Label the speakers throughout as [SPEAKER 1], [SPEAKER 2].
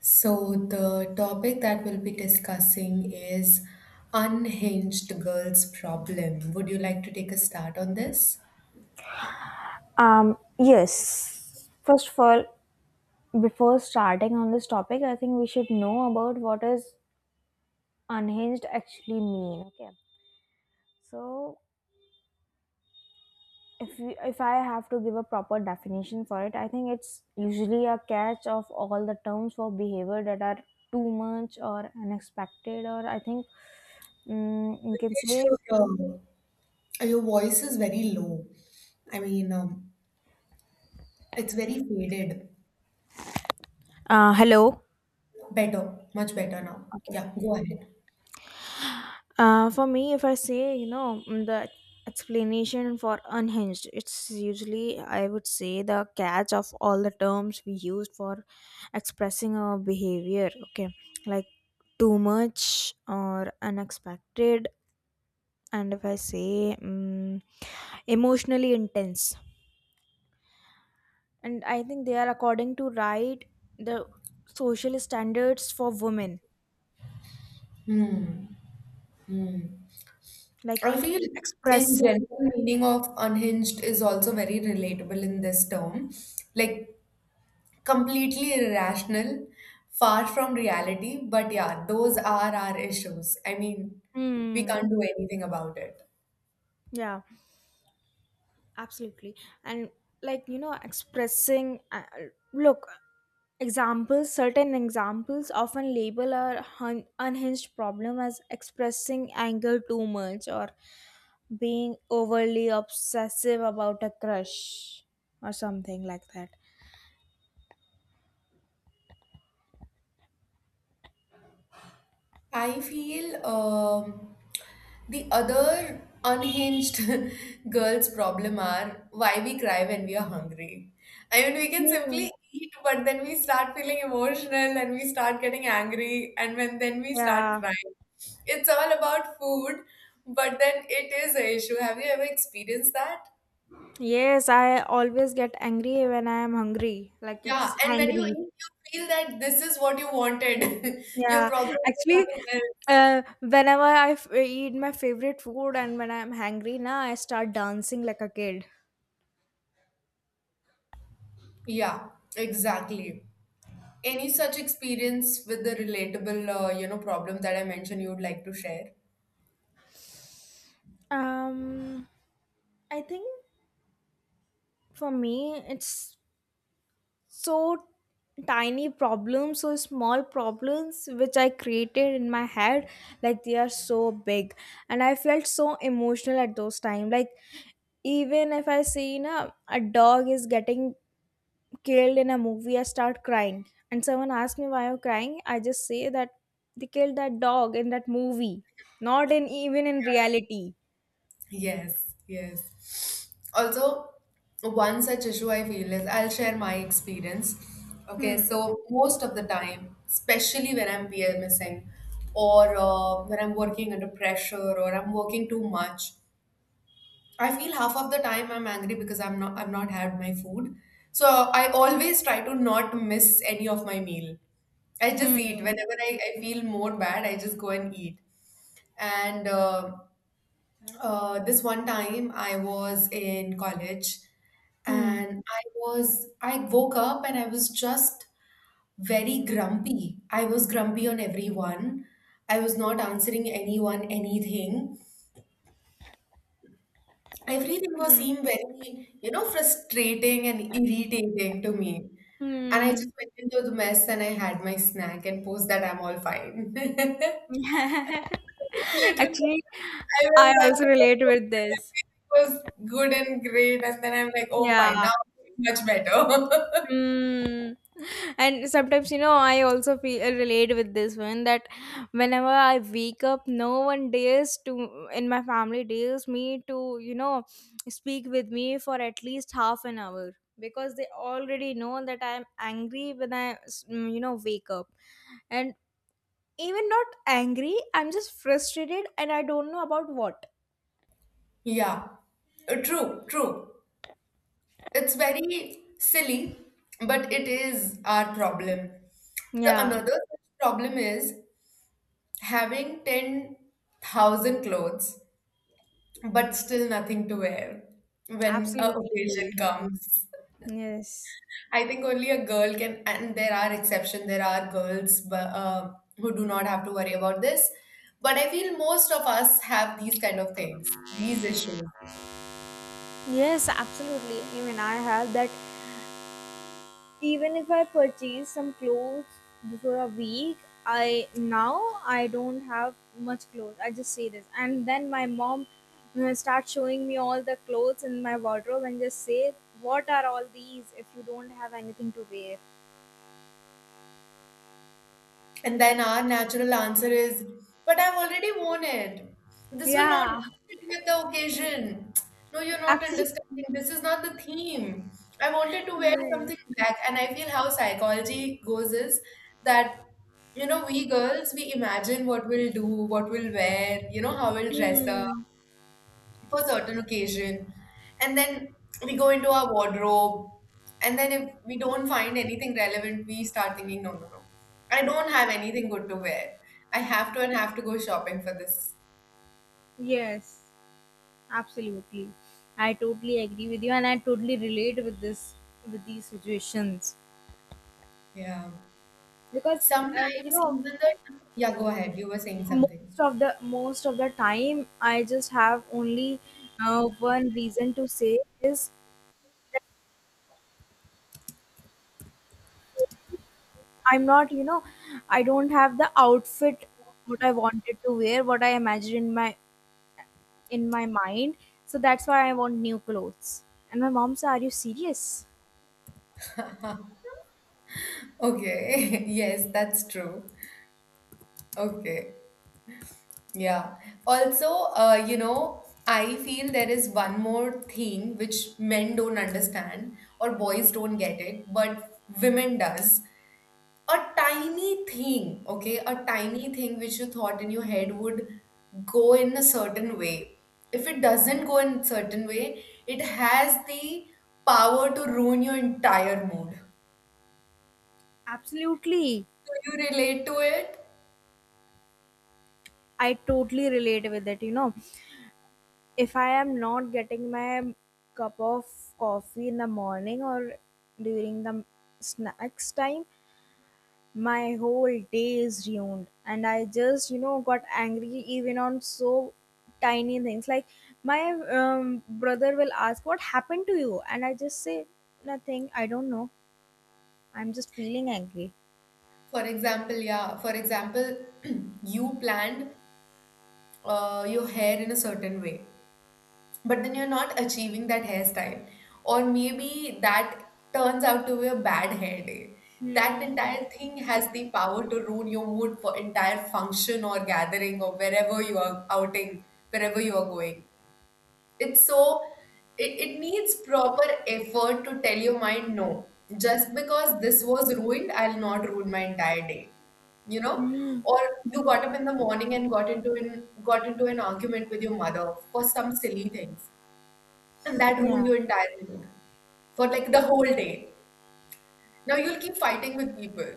[SPEAKER 1] So, the topic that we'll be discussing is unhinged girls' problem. Would you like to take a start on this?
[SPEAKER 2] Yes. First of all, before starting on this topic, I think we should know about what is unhinged actually mean. Okay. So if I have to give a proper definition for it, I think it's usually a catch of all the terms for behavior that are too much or unexpected, or I think you can say.
[SPEAKER 1] Sure. Your voice is very low. I mean, it's very faded.
[SPEAKER 2] Hello.
[SPEAKER 1] Better, much better now.
[SPEAKER 2] Okay.
[SPEAKER 1] Yeah, go ahead.
[SPEAKER 2] For me, if I say, the explanation for unhinged, it's usually, I would say, the catch of all the terms we use for expressing our behavior. Okay. Like too much or unexpected. And if I say emotionally intense. And I think they are according to right the social standards for women. Like
[SPEAKER 1] I feel in
[SPEAKER 2] expressing.
[SPEAKER 1] general meaning of unhinged is also very relatable in this term. Like completely irrational, far from reality. But yeah, those are our issues. I mean, we
[SPEAKER 2] Mm,
[SPEAKER 1] can't do anything about it.
[SPEAKER 2] yeah, absolutely. And like expressing look, examples certain examples often label our unhinged problem as expressing anger too much or being overly obsessive about a crush or something like that.
[SPEAKER 1] I feel the other unhinged girls' problem are why we cry when we are hungry. I mean, we can
[SPEAKER 2] Hmm.
[SPEAKER 1] simply eat, but then we start feeling emotional and we start getting angry, and when then we start
[SPEAKER 2] Yeah,
[SPEAKER 1] crying. It's all about food, but then it is an issue. Have you ever experienced that?
[SPEAKER 2] yes, I always get angry when I am hungry, like it's
[SPEAKER 1] Yeah, and when you
[SPEAKER 2] hangry.
[SPEAKER 1] eat, you feel that this is what you wanted. Your
[SPEAKER 2] Yeah,
[SPEAKER 1] problem is
[SPEAKER 2] actually,
[SPEAKER 1] nothing else.
[SPEAKER 2] whenever I eat my favorite food, and when I'm hungry, now I start dancing like a kid.
[SPEAKER 1] Yeah, exactly. Any such experience with the relatable, problem that I mentioned you would like to share?
[SPEAKER 2] Um, I think for me, it's so so small problems which I created in my head, like they are so big, and I felt so emotional at those time. Like even if I see, a dog is getting killed in a movie, I start crying. And someone asks me why I'm crying, I just say that they killed that dog in that movie, not in even in reality.
[SPEAKER 1] Yes, yes. Also, one such issue I feel is I'll share my experience. Okay,
[SPEAKER 2] Hmm.
[SPEAKER 1] so most of the time, especially when I'm PMSing or when I'm working under pressure or I'm working too much, I feel half of the time I'm angry because I've not had my food. So I always try to not miss any of my meal. I just
[SPEAKER 2] Hmm.
[SPEAKER 1] eat whenever I feel more bad. I just go and eat. And this one time I was in college,
[SPEAKER 2] Hmm.
[SPEAKER 1] and I woke up and I was just very grumpy. I was grumpy on everyone. I was not answering anyone anything. Everything was
[SPEAKER 2] Hmm.
[SPEAKER 1] seemed very, you know, frustrating and irritating to me. And I
[SPEAKER 2] Hmm.
[SPEAKER 1] just went into the mess and I had my snack and post that I'm all fine. Literally,
[SPEAKER 2] Actually,
[SPEAKER 1] I
[SPEAKER 2] I
[SPEAKER 1] went back
[SPEAKER 2] also
[SPEAKER 1] to my
[SPEAKER 2] relate
[SPEAKER 1] room
[SPEAKER 2] with
[SPEAKER 1] and
[SPEAKER 2] this.
[SPEAKER 1] everything was good and great. And then I'm like, oh, fine, now
[SPEAKER 2] Yeah.
[SPEAKER 1] I'm much better.
[SPEAKER 2] Mm. And sometimes, I also feel relate with this one that whenever I wake up, no one dares to in my family dares me to, speak with me for at least half an hour, because they already know that I'm angry when I wake up, and even not angry, I'm just frustrated and I don't know about what.
[SPEAKER 1] Yeah, True, true. It's very silly, but it is our problem. The
[SPEAKER 2] Yeah,
[SPEAKER 1] another such problem is having 10,000 clothes, but still nothing to wear when a occasion
[SPEAKER 2] absolutely.
[SPEAKER 1] comes.
[SPEAKER 2] Yes.
[SPEAKER 1] I think only a girl can, and there are exceptions, there are girls but, who do not have to worry about this. But I feel most of us have these kind of things, these issues.
[SPEAKER 2] Yes, absolutely. Even I have that. Even if I purchase some clothes before a week, I now I don't have much clothes. I just say this, and then my mom starts showing me all the clothes in my wardrobe and just say, "What are all these? If you don't have anything to wear."
[SPEAKER 1] And then our natural answer is, but I've already worn it. This will not go
[SPEAKER 2] Yeah,
[SPEAKER 1] with the occasion. No, you're not
[SPEAKER 2] absolutely.
[SPEAKER 1] understanding. This is not the theme. I wanted to wear
[SPEAKER 2] Yes.
[SPEAKER 1] something black, and I feel how psychology goes is that, you know, we girls, we imagine what we'll do, what we'll wear, you know, how we'll dress up
[SPEAKER 2] Hmm.
[SPEAKER 1] for certain occasion, and then we go into our wardrobe, and then if we don't find anything relevant, we start thinking, no no no, I don't have anything good to wear. I have to and have to go shopping for this.
[SPEAKER 2] Yes, absolutely. I totally agree with you, and I totally relate with these situations,
[SPEAKER 1] Yeah,
[SPEAKER 2] because uh, you
[SPEAKER 1] sometimes
[SPEAKER 2] know
[SPEAKER 1] even the, yeah go ahead, you were saying something.
[SPEAKER 2] most of the time I just have only one reason to say is, I'm not you know I don't have the outfit, what I wanted to wear, what I imagined in my mind. So that's why I want new clothes, and my mom said, are you serious?
[SPEAKER 1] Okay. Yes, that's true. Okay. Yeah. Also, you know, I feel there is one more thing which men don't understand or boys don't get it, but women does. A tiny thing, okay, a tiny thing which you thought in your head would go in a certain way. If it doesn't go in a certain way, it has the power to ruin your entire mood. Do
[SPEAKER 2] Absolutely.
[SPEAKER 1] you relate to it?
[SPEAKER 2] I totally relate with it. If I am not getting my cup of coffee in the morning or during the snacks time, my whole day is ruined, and I just got angry even on so tiny things, like my brother will ask what happened to you, and I just say nothing, I don't know, I'm just feeling angry.
[SPEAKER 1] For example, yeah, for example, you planned your hair in a certain way, but then you're not achieving that hairstyle, or maybe that turns out to be a bad hair day. That
[SPEAKER 2] Hmm.
[SPEAKER 1] entire thing has the power to ruin your mood for entire function or gathering or wherever you are outing, wherever you are going. It's so it needs proper effort to tell your mind no. Just because this was ruined, I'll not ruin my entire day, you know,
[SPEAKER 2] Hmm.
[SPEAKER 1] or you got up in the morning and got into an argument with your mother for some silly things, and that ruined
[SPEAKER 2] Yeah,
[SPEAKER 1] your entire mood for like the whole day. Now you'll keep fighting with people,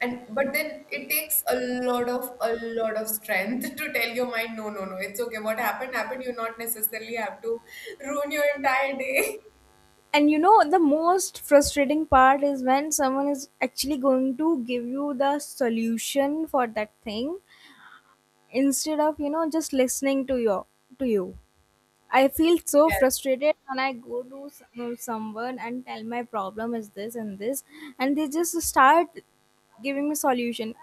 [SPEAKER 1] and but then it takes a lot of strength to tell your mind no no no, it's okay, what happened happened, you not necessarily have to ruin your entire day.
[SPEAKER 2] and the most frustrating part is when someone is actually going to give you the solution for that thing instead of just listening to you. I feel so
[SPEAKER 1] Yes,
[SPEAKER 2] frustrated when I go to someone and tell my problem is this and this, and they just start giving me solution.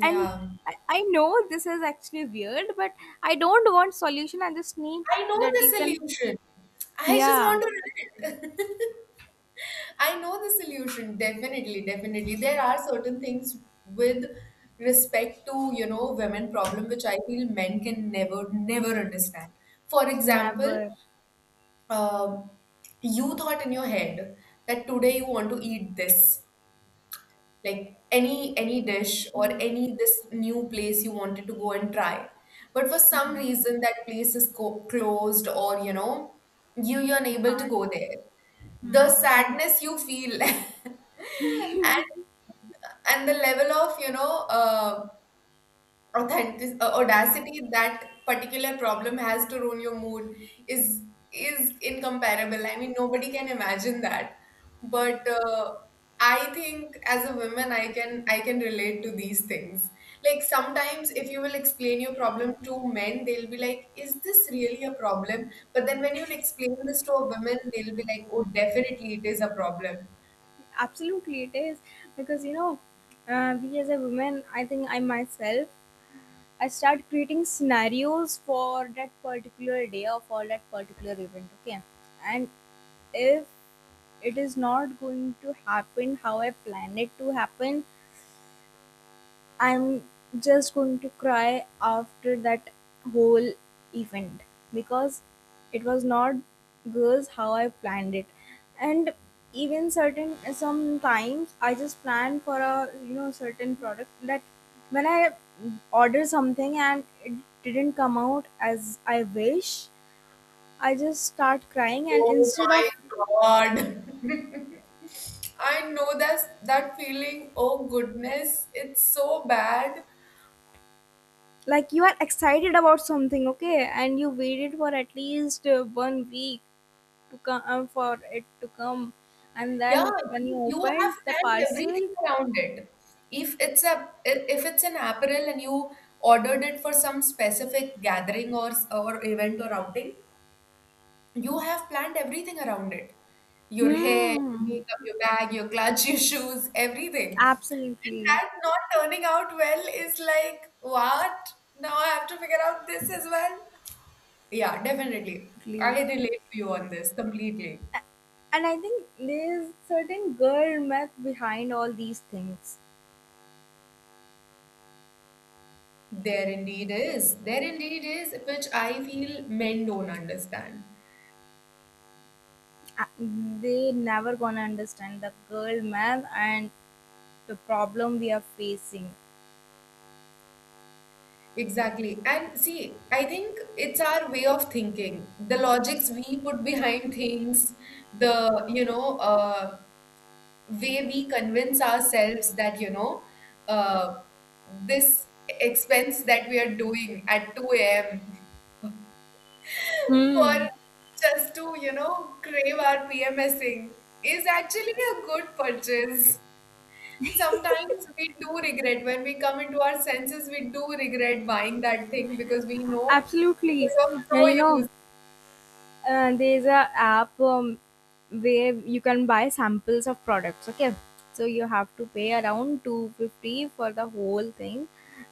[SPEAKER 2] And I know this is actually weird, but I don't want solution. I just need
[SPEAKER 1] I know
[SPEAKER 2] that
[SPEAKER 1] the
[SPEAKER 2] you can.
[SPEAKER 1] solution. I just
[SPEAKER 2] Yeah,
[SPEAKER 1] want to run it. I know the solution. Definitely, definitely. There are certain things with respect to, you know, women problem which I feel men can never, never understand. For example,
[SPEAKER 2] never.
[SPEAKER 1] um, you thought in your head that today you want to eat this, like any dish or
[SPEAKER 2] Hmm,
[SPEAKER 1] any this new place you wanted to go and try, but for some reason that place is closed, or you know, you're
[SPEAKER 2] you
[SPEAKER 1] unable to
[SPEAKER 2] can't.
[SPEAKER 1] go there. The
[SPEAKER 2] Hmm.
[SPEAKER 1] sadness you feel, and the level of, you know, authentic audacity that particular problem has to ruin your mood is is incomparable. I mean, nobody can imagine that, but I think as a woman I can relate to these things. Like sometimes if you will explain your problem to men, they'll be like, is this really a problem? But then when you'll explain this to a woman, they'll be like, oh definitely it is a problem.
[SPEAKER 2] Absolutely, it is, because we as a woman, I think, I myself, I start creating scenarios for that particular day or for that particular event. Okay. And if it is not going to happen how I plan it to happen, I'm just going to cry after that whole event, because it was not goes how I planned it, and even certain sometimes I just plan for a certain product that when I order something and it didn't come out as I wish, I just start crying and
[SPEAKER 1] Oh
[SPEAKER 2] instead of,
[SPEAKER 1] my God. I know that's that feeling. Oh goodness, it's so bad.
[SPEAKER 2] like, you are excited about something, okay, and you waited for at least 1 week to come for it to come, and
[SPEAKER 1] Yeah,
[SPEAKER 2] then when you
[SPEAKER 1] because you have
[SPEAKER 2] opened the
[SPEAKER 1] planned
[SPEAKER 2] parcel.
[SPEAKER 1] everything around it. If it's an apparel and you ordered it for some specific gathering or event or outing, you have planned everything around it, your hair, your
[SPEAKER 2] Hmm.
[SPEAKER 1] makeup, your bag, your clutch, your shoes, everything. And
[SPEAKER 2] Absolutely.
[SPEAKER 1] that not turning out well is like, what? Now I have to figure out this as well. Yeah, definitely. I
[SPEAKER 2] Absolutely.
[SPEAKER 1] relate to you on this completely.
[SPEAKER 2] A- And I think there's certain girl math behind all these things.
[SPEAKER 1] There indeed is. There indeed is, which I feel men don't understand.
[SPEAKER 2] Uh, They never gonna understand the girl math and the problem we are facing.
[SPEAKER 1] Exactly. And see, I think it's our way of thinking. The logics we put behind things, the, you know, way we convince ourselves that, you know, uh, this expense that we are doing at 2 a.m. for
[SPEAKER 2] Hmm.
[SPEAKER 1] just to, you know, crave our PMSing is actually a good purchase. Sometimes we do regret when we come into our senses, we do regret buying that thing because we know it
[SPEAKER 2] Absolutely.
[SPEAKER 1] is
[SPEAKER 2] And
[SPEAKER 1] of
[SPEAKER 2] there's a app where you can buy samples of products, okay, so you have to pay around 250 for the whole thing,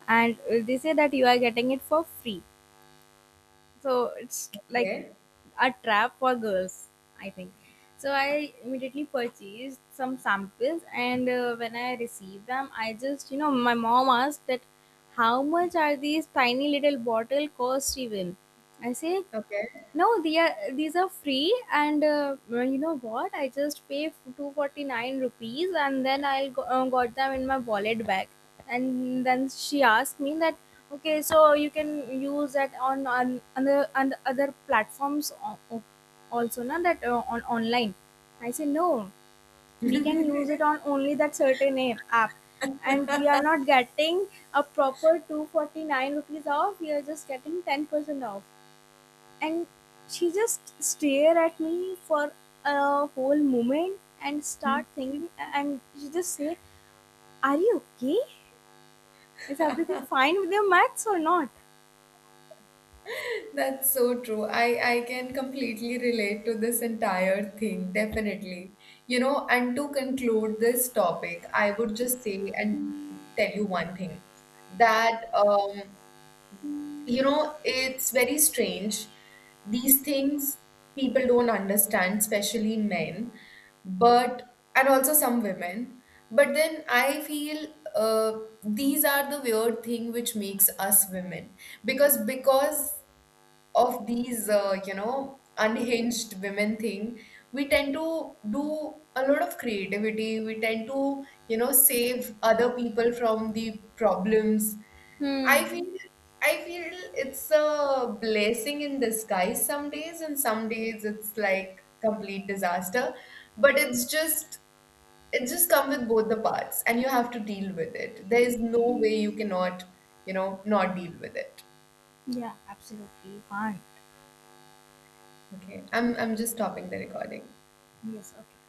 [SPEAKER 2] and they say that you are getting it for free, so it's
[SPEAKER 1] no
[SPEAKER 2] like
[SPEAKER 1] use.
[SPEAKER 2] a trap for girls, I think. So I immediately purchased some samples, and when I received them, I just you know my mom asked that how much are these tiny little bottle cost even. I say, no, these are free, and you know what? I just pay 249 rupees, and then got them in my wallet back. And then she asked me that, okay, so you can use that on other platforms, also, na, that on online. I said, no, we can use
[SPEAKER 1] Okay.
[SPEAKER 2] it on only that certain app. And we are not getting a proper 249 rupees off, we are just getting 10% off, and she just stare at me for a whole moment and start
[SPEAKER 1] Okay.
[SPEAKER 2] thinking, and she just say, are you okay? Is everything fine with your maths or not?
[SPEAKER 1] That's so true. I can completely relate to this entire thing, definitely. You know, and to conclude this topic, I would just say and tell you one thing, that you know, it's very strange. These things people don't understand, especially men, but and also some women. But then I feel uh, these are the weird thing which makes us women, because of these you know unhinged women thing, we tend to do a lot of creativity, we tend to, you know, save other people from the problems. i
[SPEAKER 2] Hmm.
[SPEAKER 1] feel i feel it's a blessing in disguise some days, and some days it's like complete disaster, but it's just, it just comes with both the parts and you have to deal with it. There is no way you cannot, you know, not deal with it.
[SPEAKER 2] Yeah, absolutely fine.
[SPEAKER 1] Okay, I'm just stopping the recording.
[SPEAKER 2] Yes, okay.